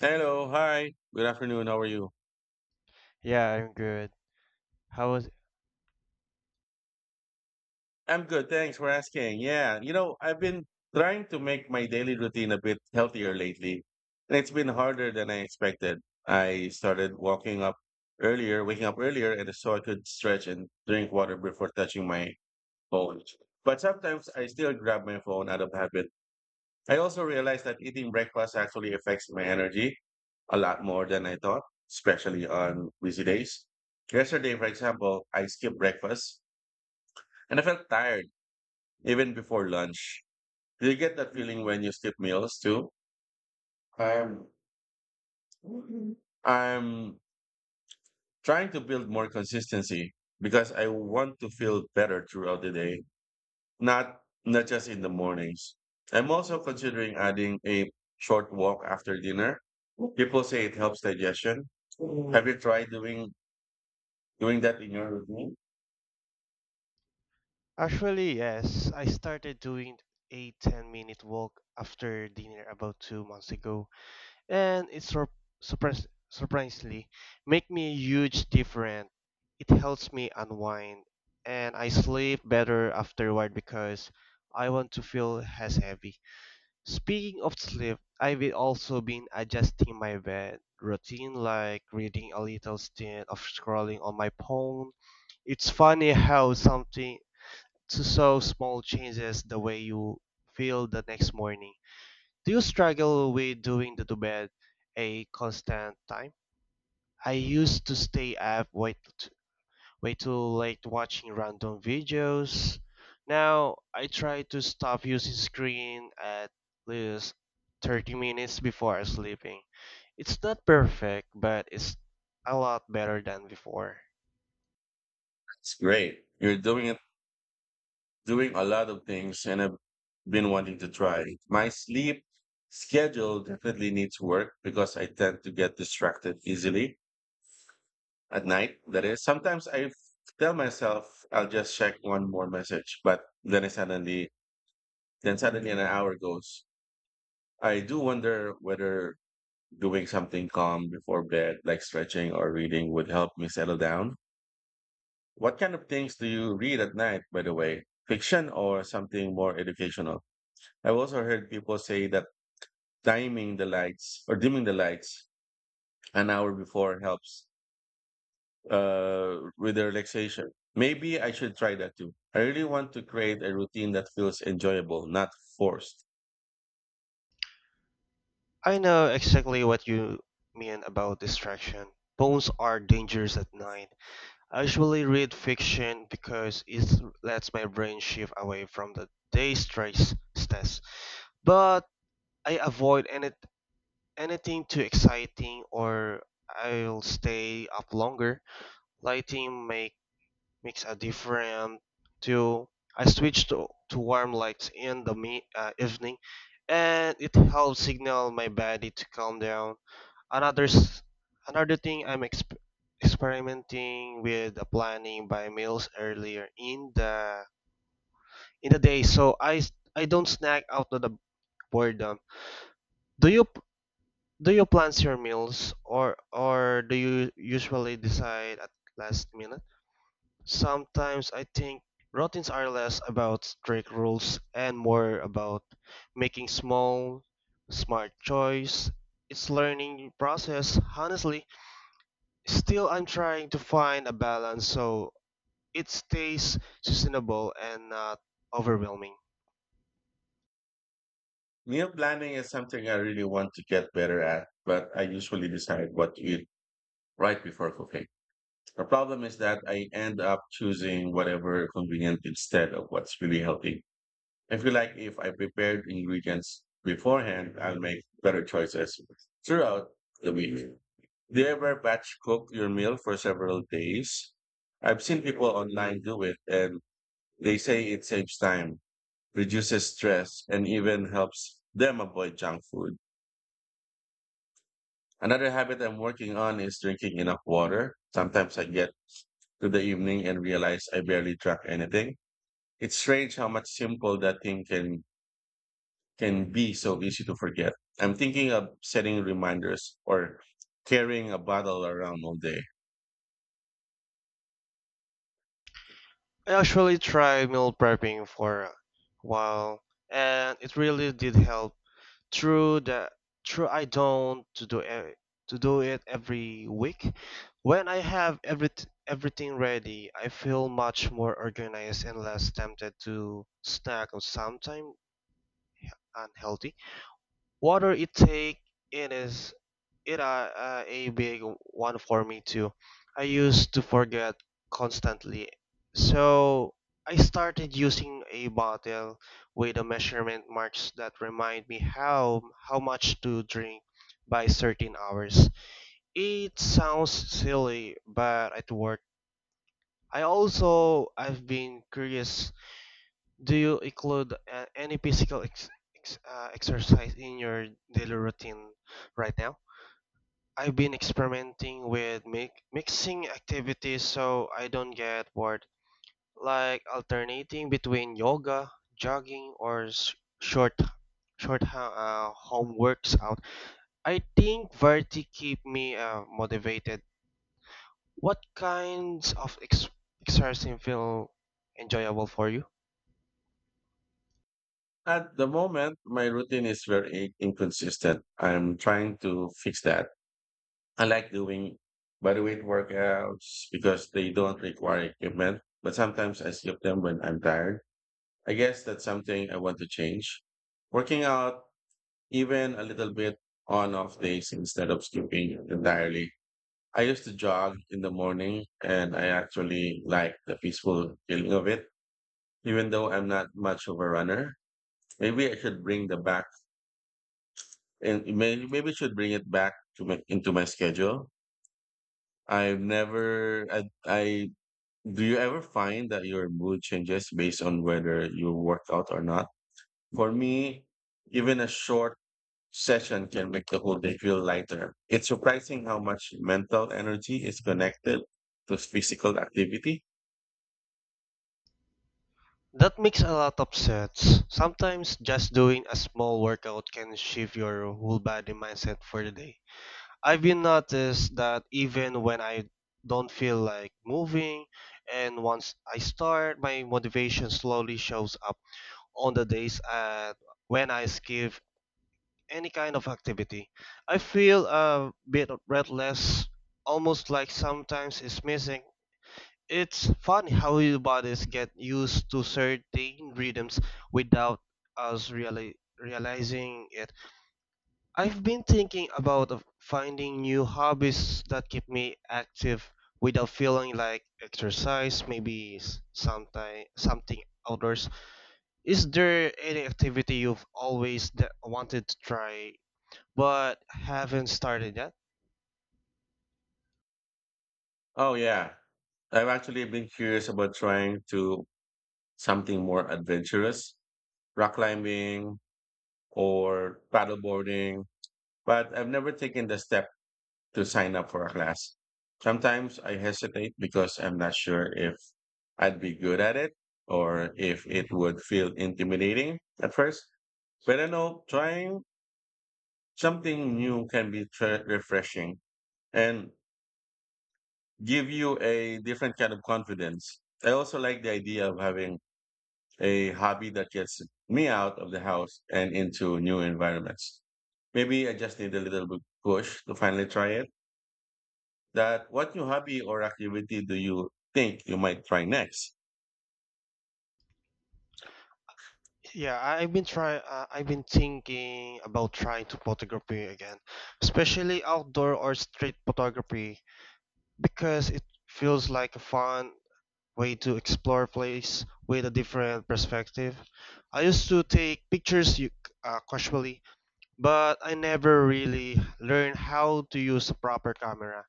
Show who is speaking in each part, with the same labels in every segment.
Speaker 1: Hello, hi. Good afternoon. How are you?
Speaker 2: Yeah, I'm good. How was
Speaker 1: I'm good. Thanks for asking. Yeah, I've been trying to make my daily routine a bit healthier lately, and it's been harder than I expected. I started walking up earlier, waking up earlier, and so I could stretch and drink water before touching my phone. But sometimes I still grab my phone out of habit. I also realized that eating breakfast actually affects my energy a lot more than I thought, especially on busy days. Yesterday, for example, I skipped breakfast and I felt tired even before lunch. Do you get that feeling when you skip meals too? I'm I'm trying to build more consistency because I want to feel better throughout the day, not just in the mornings. I'm also considering adding a short walk after dinner. People say it helps digestion. Have you tried doing that in your routine?
Speaker 2: Actually, yes, I started doing a 10-minute walk after dinner about 2 months ago, and it sur surpris surprisingly make me a huge difference. It helps me unwind, and I sleep better afterward because I want to feel as heavy. Speaking of sleep, I've also been adjusting my bed routine like reading a little instead of scrolling on my phone. It's funny how something so small changes the way you feel the next morning. Do you struggle with doing the to bed a constant time? I used to stay up late way too late watching random videos. Now I try to stop using screen at least 30 minutes before sleeping. It's not perfect, but it's a lot better than before.
Speaker 1: It's great. You're doing a lot of things and I've been wanting to try. My sleep schedule definitely needs work because I tend to get distracted easily at night. That is, sometimes tell myself I'll just check one more message, but then suddenly an hour goes. I do wonder whether doing something calm before bed, like stretching or reading, would help me settle down. What kind of things do you read at night, by the way? Fiction or something more educational? I've also heard people say that timing the lights or dimming the lights an hour before helps with the relaxation. Maybe I should try that too. I really want to create a routine that feels enjoyable, not forced.
Speaker 2: I know exactly what you mean about distraction. Phones are dangerous at night. I usually read fiction because it lets my brain shift away from the day stress. But I avoid any anything too exciting or I'll stay up longer. Lighting makes a difference too. I switch to warm lights in the evening, and it helps signal my body to calm down. Another s- Another thing I'm experimenting with, planning by meals earlier in the day so I don't snack out of the boredom. Do you Do you plan your meals or do you usually decide at last minute? Sometimes I think routines are less about strict rules and more about making small, smart choice. It's learning process, honestly. Still, I'm trying to find a balance so it stays sustainable and not overwhelming.
Speaker 1: Meal planning is something I really want to get better at, but I usually decide what to eat right before cooking. The problem is that I end up choosing whatever convenient instead of what's really healthy. I feel like if I prepared ingredients beforehand, I'll make better choices throughout the week. Do you ever batch cook your meal for several days? I've seen people online do it and they say it saves time, reduces stress, and even helps them avoid junk food. Another habit I'm working on is drinking enough water. Sometimes I get to the evening and realize I barely drank anything. It's strange how much simple that thing can be so easy to forget. I'm thinking of setting reminders or carrying a bottle around all day.
Speaker 2: I actually tried meal prepping for a while, and it really did help. True that true, I don't to do it every week. When I have everything ready, I feel much more organized and less tempted to snack on something unhealthy. Water intake, it is it a big one for me too. I used to forget constantly. So I started using a bottle with a measurement marks that remind me how much to drink by certain hours. It sounds silly, but it worked. I've been curious. Do you include any physical exercise in your daily routine right now? I've been experimenting with mixing activities so I don't get bored, like alternating between yoga, jogging, or short home works out. I think variety keep me motivated. What kinds of exercising feel enjoyable for you?
Speaker 1: At the moment, my routine is very inconsistent. I'm trying to fix that. I like doing bodyweight workouts because they don't require equipment, but sometimes I skip them when I'm tired. I guess that's something I want to change. Working out even a little bit on off days instead of skipping entirely. I used to jog in the morning and I actually like the peaceful feeling of it, even though I'm not much of a runner. Maybe I should bring the back and maybe maybe should bring it back to my into my schedule. I've never I, I Do you ever find that your mood changes based on whether you work out or not? For me, even a short session can make the whole day feel lighter. It's surprising how much mental energy is connected to physical activity.
Speaker 2: That makes a lot of sense. Sometimes just doing a small workout can shift your whole body mindset for the day. I've been noticed that even when I don't feel like moving, and once I start, my motivation slowly shows up. On the days at when I skip any kind of activity, I feel a bit breathless, almost like sometimes it's missing. It's funny how your bodies get used to certain rhythms without us really realizing it. I've been thinking about of finding new hobbies that keep me active without feeling like exercise, maybe something outdoors. Is there any activity you've always wanted to try but haven't started yet?
Speaker 1: Oh yeah. I've actually been curious about trying to something more adventurous, rock climbing or paddleboarding, but I've never taken the step to sign up for a class. Sometimes I hesitate because I'm not sure if I'd be good at it or if it would feel intimidating at first. But I know trying something new can be refreshing and give you a different kind of confidence. I also like the idea of having a hobby that gets me out of the house and into new environments. Maybe I just need a little bit push to finally try it. That what new hobby or activity do you think you might try next?
Speaker 2: Yeah, I've been trying. I've been thinking about trying to photography again, especially outdoor or street photography, because it feels like a fun way to explore a place with a different perspective. I used to take pictures casually, but I never really learned how to use a proper camera.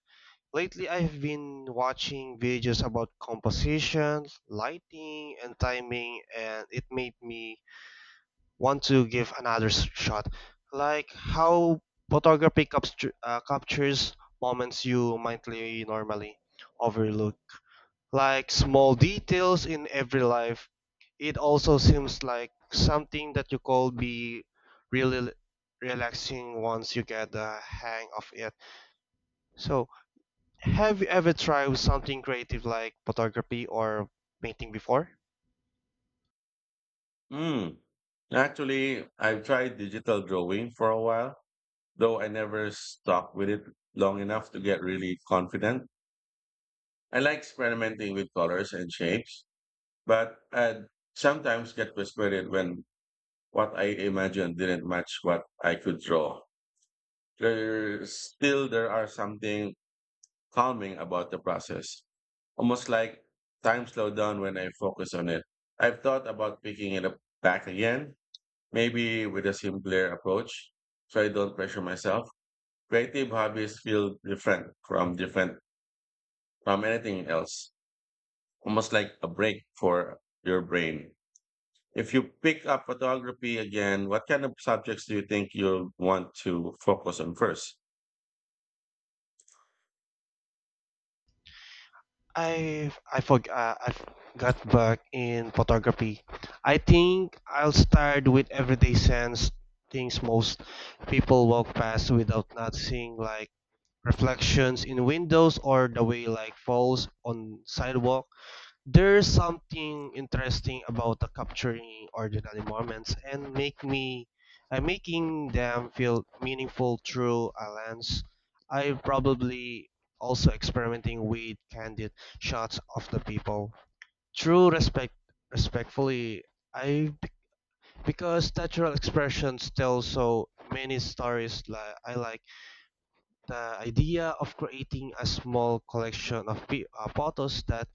Speaker 2: Lately, I've been watching videos about composition, lighting, and timing, and it made me want to give another shot like how photography captures moments you mindly normally overlook, like small details in every life. It also seems like something that you could be really relaxing once you get the hang of it. So have you ever tried something creative like photography or painting before?
Speaker 1: Hmm. Actually, I've tried digital drawing for a while, though I never stuck with it long enough to get really confident. I like experimenting with colors and shapes, but I sometimes get frustrated when what I imagined didn't match what I could draw. There are something calming about the process. Almost like time slowed down when I focus on it. I've thought about picking it up back again, maybe with a simpler approach, so I don't pressure myself. Creative hobbies feel different from anything else. Almost like a break for your brain. If you pick up photography again, what kind of subjects do you think you'll want to focus on first?
Speaker 2: I got back in photography. I think I'll start with everyday sense things most people walk past without noticing, like reflections in windows or the way light falls on sidewalk. There's something interesting about the capturing ordinary moments and make me making them feel meaningful through a lens. I probably also experimenting with candid shots of the people. Through respectfully, I because natural expressions tell so many stories. Like I like the idea of creating a small collection of photos that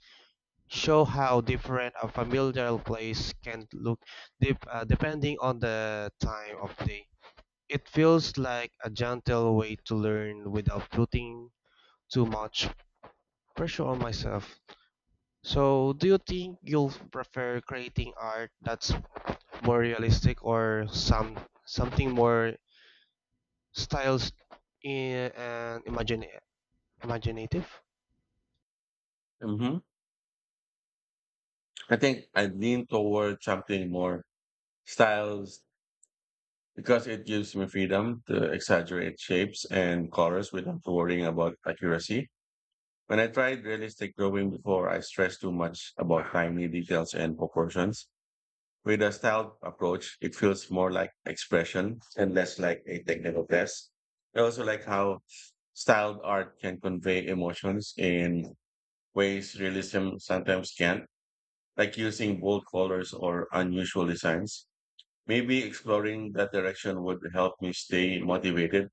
Speaker 2: show how different a familiar place can look, depending on the time of day. It feels like a gentle way to learn without putting too much pressure on myself. So, do you think you'll prefer creating art that's more realistic or some something more styles, I- and imagine imaginative?
Speaker 1: Mm-hmm. I think I lean toward something more styles because it gives me freedom to exaggerate shapes and colors without worrying about accuracy. When I tried realistic drawing before, I stressed too much about tiny details and proportions. With a style approach, it feels more like expression and less like a technical test. I also like how styled art can convey emotions in ways realism sometimes can't, like using bold colors or unusual designs. Maybe exploring that direction would help me stay motivated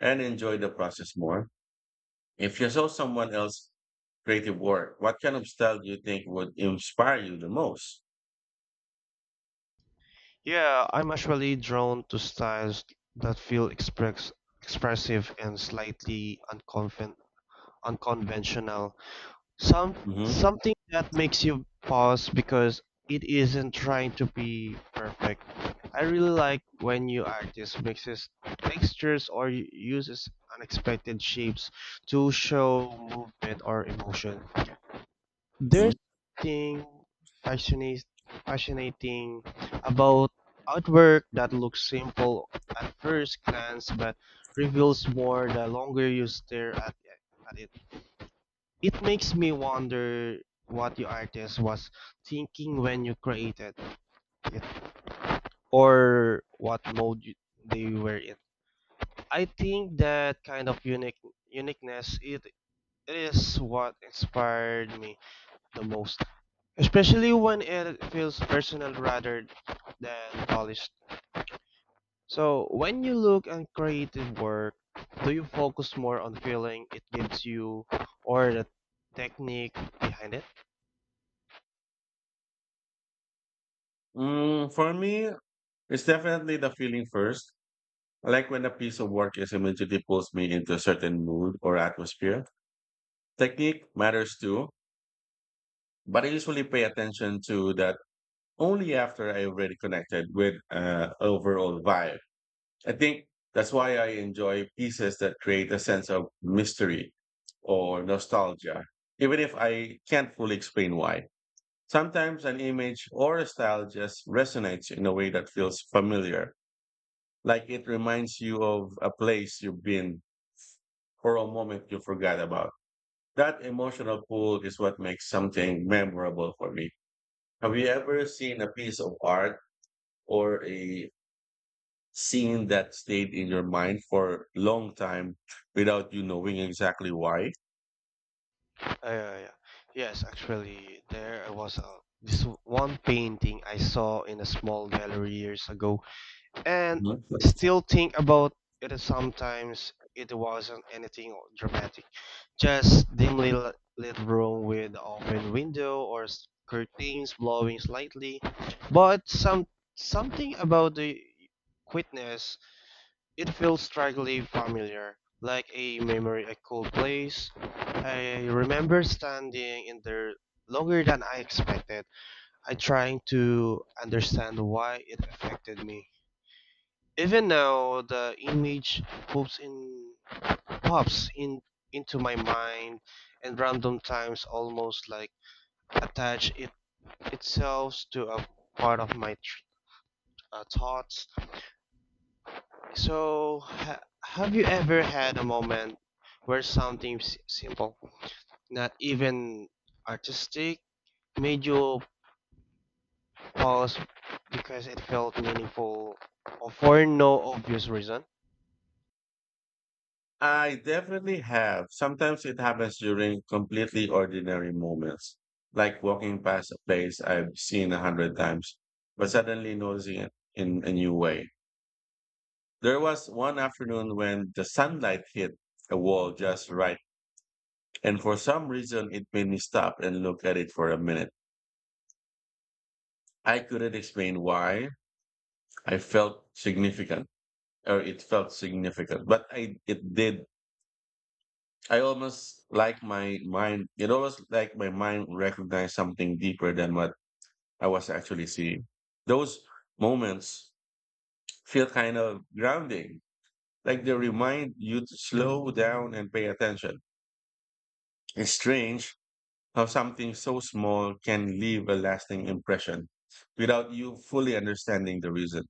Speaker 1: and enjoy the process more. If you saw someone else's creative work, what kind of style do you think would inspire you the most?
Speaker 2: Yeah, I'm actually drawn to styles that feel expressive and slightly unconventional. Some
Speaker 1: Hmm.
Speaker 2: Something that makes you pause because it isn't trying to be perfect. I really like when you artist mixes textures or uses unexpected shapes to show movement or emotion.
Speaker 1: Hmm.
Speaker 2: There's thing fascinate, fascinating about artwork that looks simple at first glance but reveals more the longer you stare at it. It makes me wonder what the artist was thinking when you created it, or what mode they were in. I think that kind of uniqueness, it is what inspired me the most, especially when it feels personal rather than polished. So, when you look at creative work, do you focus more on feeling it gives you or the technique behind it?
Speaker 1: Mm, for me, it's definitely the feeling first. Like when a piece of work is immediately pulls me into a certain mood or atmosphere. Technique matters too, but I usually pay attention to that only after I already connected with overall vibe. I think that's why I enjoy pieces that create a sense of mystery or nostalgia, even if I can't fully explain why. Sometimes an image or a style just resonates in a way that feels familiar, like it reminds you of a place you've been or a moment you forgot about. That emotional pull is what makes something memorable for me. Have you ever seen a piece of art or a scene that stayed in your mind for long time without you knowing exactly why?
Speaker 2: Uh, yeah, yeah. yeah. Yes, actually, there was a, this one painting I saw in a small gallery years ago, and
Speaker 1: Mhm.
Speaker 2: still think about it sometimes. It wasn't anything dramatic, just dimly lit room with open window or curtains blowing slightly, but something about the quietness, it feels strangely familiar, like a memory, a cold place. I remember standing in there longer than I expected. I trying to understand why it affected me. Even now, the image pops in into my mind, and random times, almost like attach it itself to a part of my thoughts. So, have you ever had a moment where something simple, not even artistic, made you pause because it felt meaningful, or for no obvious reason?
Speaker 1: I definitely have. Sometimes it happens during completely ordinary moments, like walking past a place I've seen a hundred times, but suddenly noticing it in a new way. There was one afternoon when the sunlight hit a wall just right, and for some reason it made me stop and look at it for a minute. I couldn't explain why. I felt significant or It felt significant. But I It did. I almost like my mind. It almost like my mind recognized something deeper than what I was actually seeing. Those moments feel kind of grounding, like they remind you to slow down and pay attention. It's strange how something so small can leave a lasting impression without you fully understanding the reason.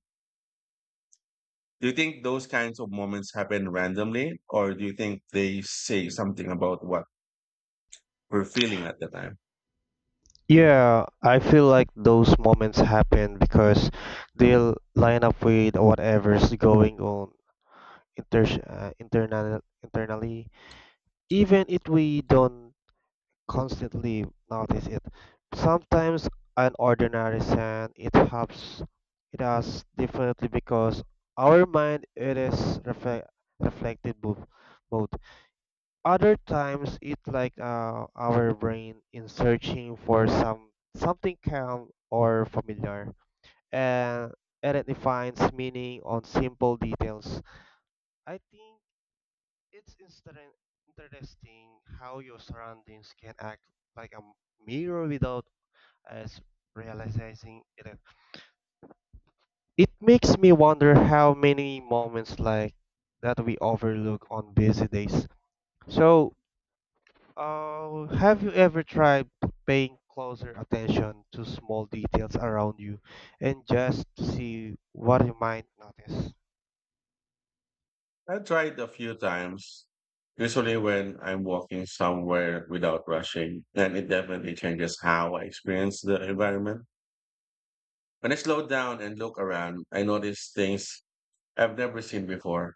Speaker 1: Do you think those kinds of moments happen randomly, or do you think they say something about what were feeling at the time?
Speaker 2: Yeah, I feel like those moments happen because they'll line up with whatever's going on internally, even if we don't constantly notice it. Sometimes an ordinary sound, it helps it us definitely because our mind, it is reflected mood. Other times, it like our brain in searching for something calm or familiar, and and it defines meaning on simple details. I think it's interesting how your surroundings can act like a mirror without us realizing it. It makes me wonder how many moments like that we overlook on busy days. So, have you ever tried paying closer attention to small details around you and just to see what you might notice?
Speaker 1: I tried a few times, usually when I'm walking somewhere without rushing, and it definitely changes how I experience the environment. When I slow down and look around, I notice things I've never seen before,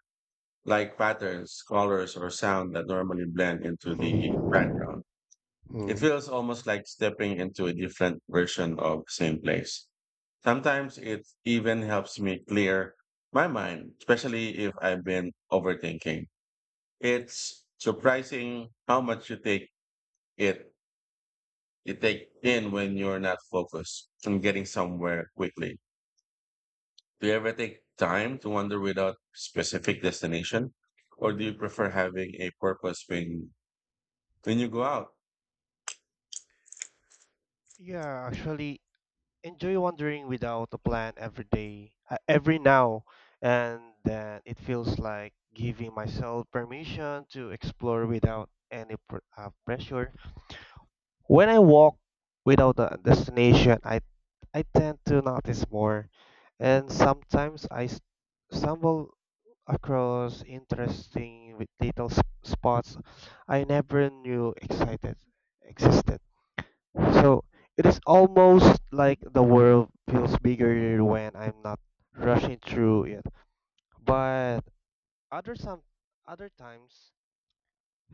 Speaker 1: like patterns, colors, or sound that normally blend into the
Speaker 2: Hmm.
Speaker 1: background. It
Speaker 2: Hmm.
Speaker 1: feels almost like stepping into a different version of the same place. Sometimes it even helps me clear my mind, especially if I've been overthinking. It's surprising how much it you take in when you're not focused on getting somewhere quickly. Do you ever take time to wander without specific destination? Or do you prefer having a purpose when you go out?
Speaker 2: Yeah, actually, enjoy wandering without a plan every day, every now and then. It feels like giving myself permission to explore without any pressure. When I walk without a destination, I tend to notice more, and sometimes stumble across interesting with little spots I never knew excited existed. So it is almost like the world feels bigger when I'm not rushing through it. But other some other times,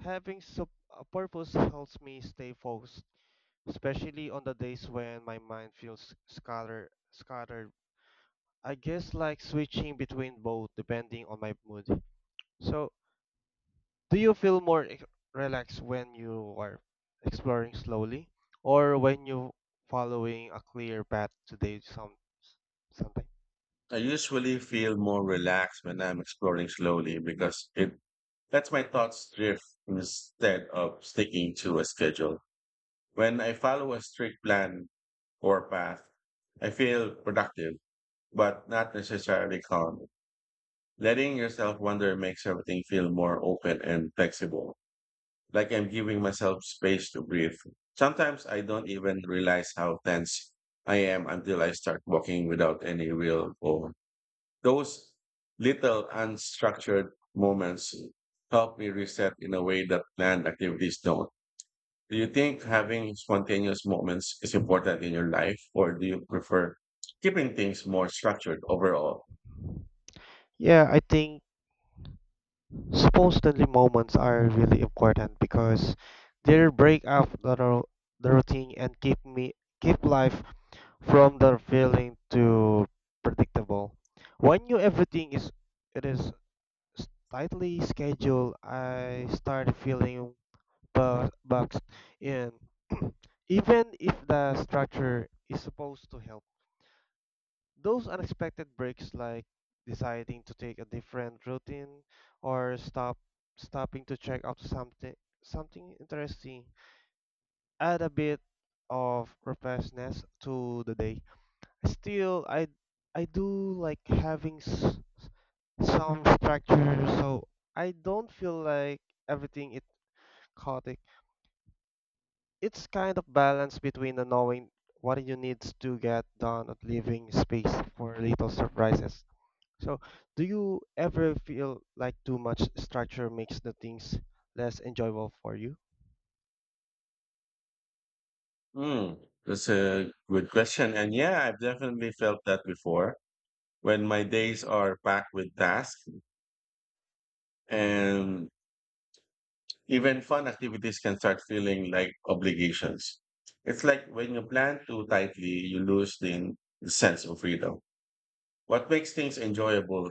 Speaker 2: having a purpose helps me stay focused, especially on the days when my mind feels scattered. I guess like switching between both depending on my mood. So, do you feel more relaxed when you are exploring slowly or when you following a clear path today, something?
Speaker 1: I usually feel more relaxed when I'm exploring slowly because it lets my thoughts drift instead of sticking to a schedule. When I follow a strict plan or path, I feel productive, but not necessarily calm. Letting yourself wander makes everything feel more open and flexible, like I'm giving myself space to breathe. Sometimes I don't even realize how tense I am until I start walking without any real goal. Those little unstructured moments help me reset in a way that planned activities don't. Do you think having spontaneous moments is important in your life, or do you prefer keeping things more structured overall?
Speaker 2: Yeah, I think supposedly moments are really important because they break up the routine and keep life from the feeling to predictable. When you everything is it is tightly scheduled, I start feeling boxed in. Even if the structure is supposed to help, those unexpected breaks, like deciding to take a different routine or stopping to check out something interesting, add a bit of refreshness to the day. Still, I do like having some structure so I don't feel like everything is chaotic. It's kind of balance between the knowing what you need to get done and leaving space for little surprises. So, do you ever feel like too much structure makes the things less enjoyable for you?
Speaker 1: Hmm, that's a good question. And yeah, I've definitely felt that before when my days are packed with tasks and even fun activities can start feeling like obligations. It's like when you plan too tightly, you lose the sense of freedom. What makes things enjoyable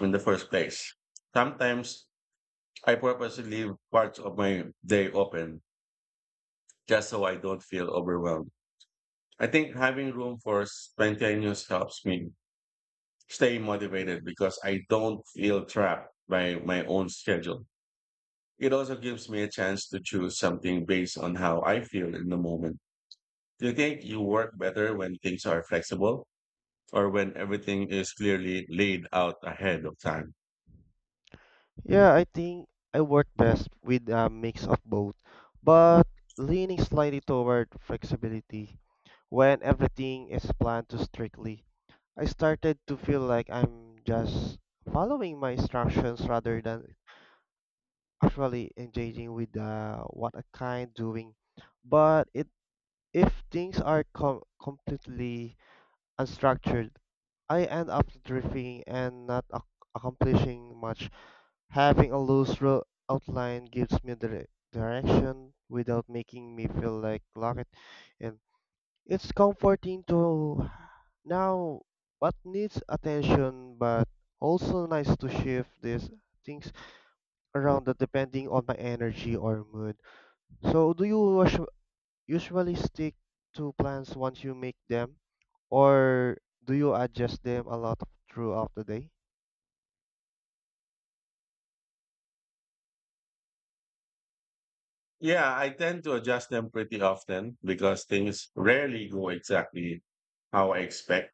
Speaker 1: in the first place? Sometimes I purposely leave parts of my day open just so I don't feel overwhelmed. I think having room for spontaneous helps me stay motivated because I don't feel trapped by my own schedule. It also gives me a chance to choose something based on how I feel in the moment. Do you think you work better when things are flexible or when everything is clearly laid out ahead of time?
Speaker 2: Yeah, I think I work best with a mix of both, but leaning slightly toward flexibility. When everything is planned too strictly, I started to feel like I'm just following my instructions rather than actually engaging with what I kind doing. But it, if things are completely unstructured, I end up drifting and not accomplishing much. Having a loose road outline gives me the direction without making me feel like locked in. It's comforting to know what needs attention, but also nice to shift these things around that depending on my energy or mood. So, do you usually stick to plans once you make them, or do you adjust them a lot throughout the day?
Speaker 1: Yeah, I tend to adjust them pretty often because things rarely go exactly how I expect.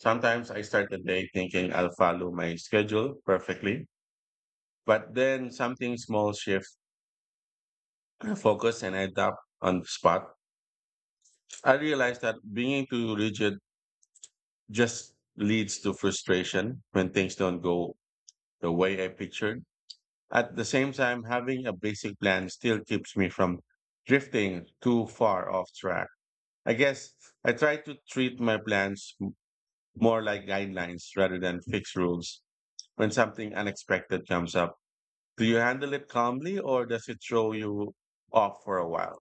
Speaker 1: Sometimes I start the day thinking I'll follow my schedule perfectly, but then something small shift focus and I adapt on the spot. I realize that being too rigid just leads to frustration when things don't go the way I pictured. At the same time, having a basic plan still keeps me from drifting too far off track. I guess I try to treat my plans more like guidelines rather than fixed rules when something unexpected comes up. Do you handle it calmly or does it throw you off for a while?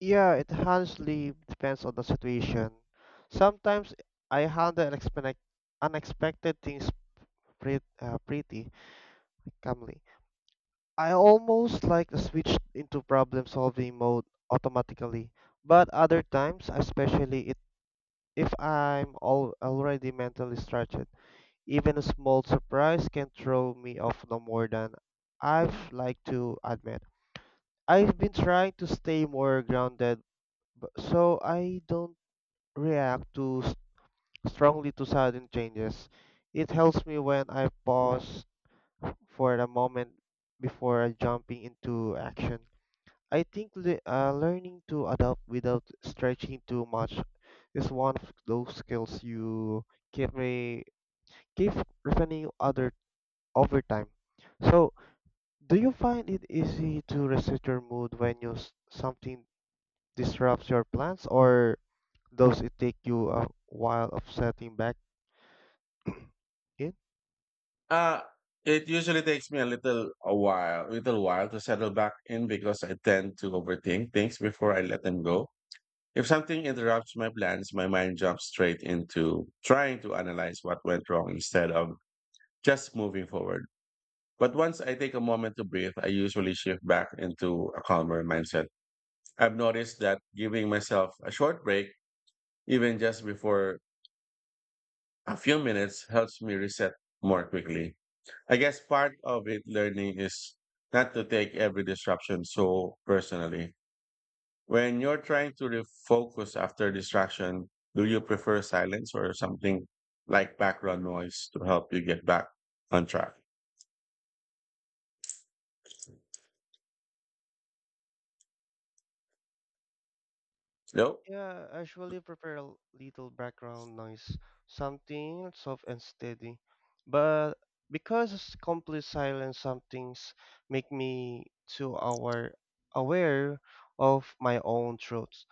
Speaker 2: Yeah, it honestly depends on the situation. Sometimes I handle unexpected things pretty calmly. I almost like to switch into problem solving mode automatically, but other times, especially if I'm already mentally stretched, even a small surprise can throw me off no more than I've like to admit. I've been trying to stay more grounded so I don't react too strongly to sudden changes. It helps me when I pause for a moment before jumping into action. I think learning to adapt without stretching too much is one of those skills you keep re- keep refining other over time. So, do you find it easy to reset your mood when you something disrupts your plans, or does it take you a while of setting back in?
Speaker 1: Uh, it usually takes me a little a while, little while to settle back in because I tend to overthink things before I let them go. If something interrupts my plans, my mind jumps straight into trying to analyze what went wrong instead of just moving forward. But once I take a moment to breathe, I usually shift back into a calmer mindset. I've noticed that giving myself a short break, even just before a few minutes, helps me reset more quickly. I guess part of it learning is not to take every disruption so personally. When you're trying to refocus after distraction, do you prefer silence or something like background noise to help you get back on track? No.
Speaker 2: Yeah, I usually prepare a little background noise, something soft and steady. But because it's complete silence, some things make me too aware of my own thoughts.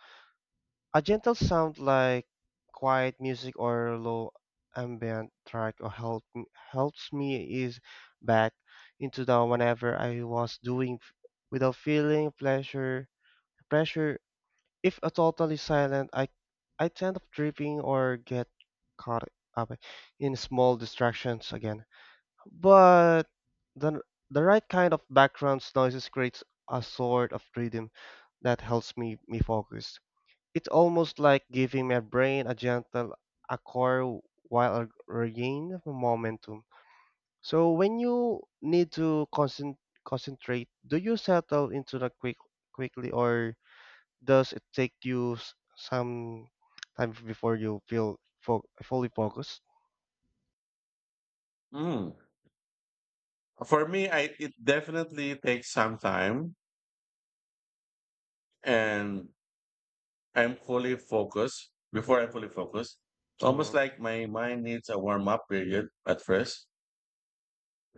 Speaker 2: A gentle sound like quiet music or low ambient track or helps me ease back into the whenever I was doing without feeling pleasure pressure. If a totally silent, I tend up tripping or get caught up in small distractions again. But the the right kind of background noises creates a sort of rhythm that helps me focus. It's almost like giving my brain a gentle accord while regaining momentum. So when you need to concentrate, do you settle into the quickly or does it take you some time before you feel fo fully focused?
Speaker 1: Mm. For me, it definitely takes some time and I'm fully focused.
Speaker 2: Mm.
Speaker 1: Almost like my mind needs a warm up period at first.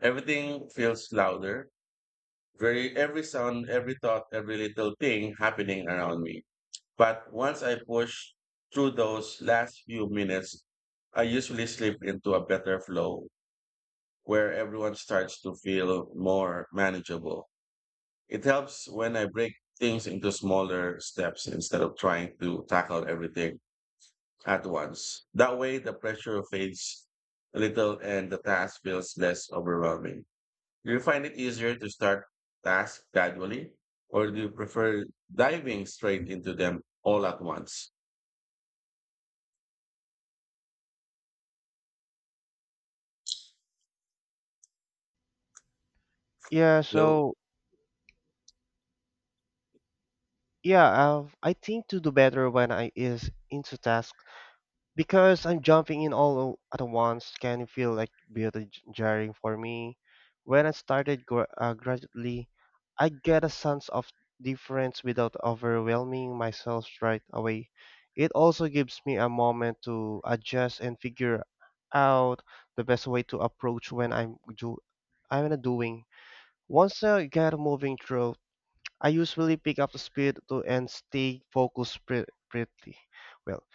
Speaker 1: Everything feels louder. Every sound, every thought, every little thing happening around me. But once I push through those last few minutes, I usually slip into a better flow where everyone starts to feel more manageable. It helps when I break things into smaller steps instead of trying to tackle everything at once. That way, the pressure fades a little and the task feels less overwhelming. Do you find it easier to start tasks gradually, or do you prefer diving straight into them all at once?
Speaker 2: Yeah,
Speaker 1: Hello.
Speaker 2: so yeah, I think to do better when I is into task. Because I'm jumping in all at once can feel like beauty jarring for me. When I started gradually, I get a sense of difference without overwhelming myself right away. It also gives me a moment to adjust and figure out the best way to approach when I'm not doing. Once I get moving through, I usually pick up the speed to and stay focused pretty well.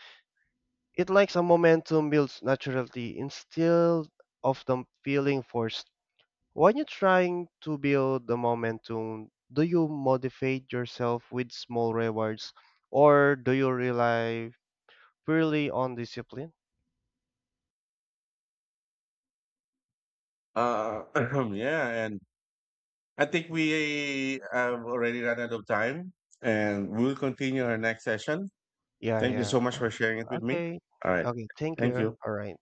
Speaker 2: It likes a momentum builds naturally instead of them feeling forced. When you're trying to build the momentum, do you motivate yourself with small rewards or do you rely purely on discipline?
Speaker 1: Uh, yeah, and I think we have already run out of time, and we'll continue our next session.
Speaker 2: Yeah,
Speaker 1: Thank you
Speaker 2: yeah.
Speaker 1: so much
Speaker 2: O-
Speaker 1: for sharing it with me.
Speaker 2: Okay.
Speaker 1: All right,
Speaker 2: Okay, thank
Speaker 1: thank
Speaker 2: you.
Speaker 1: you.
Speaker 2: All right.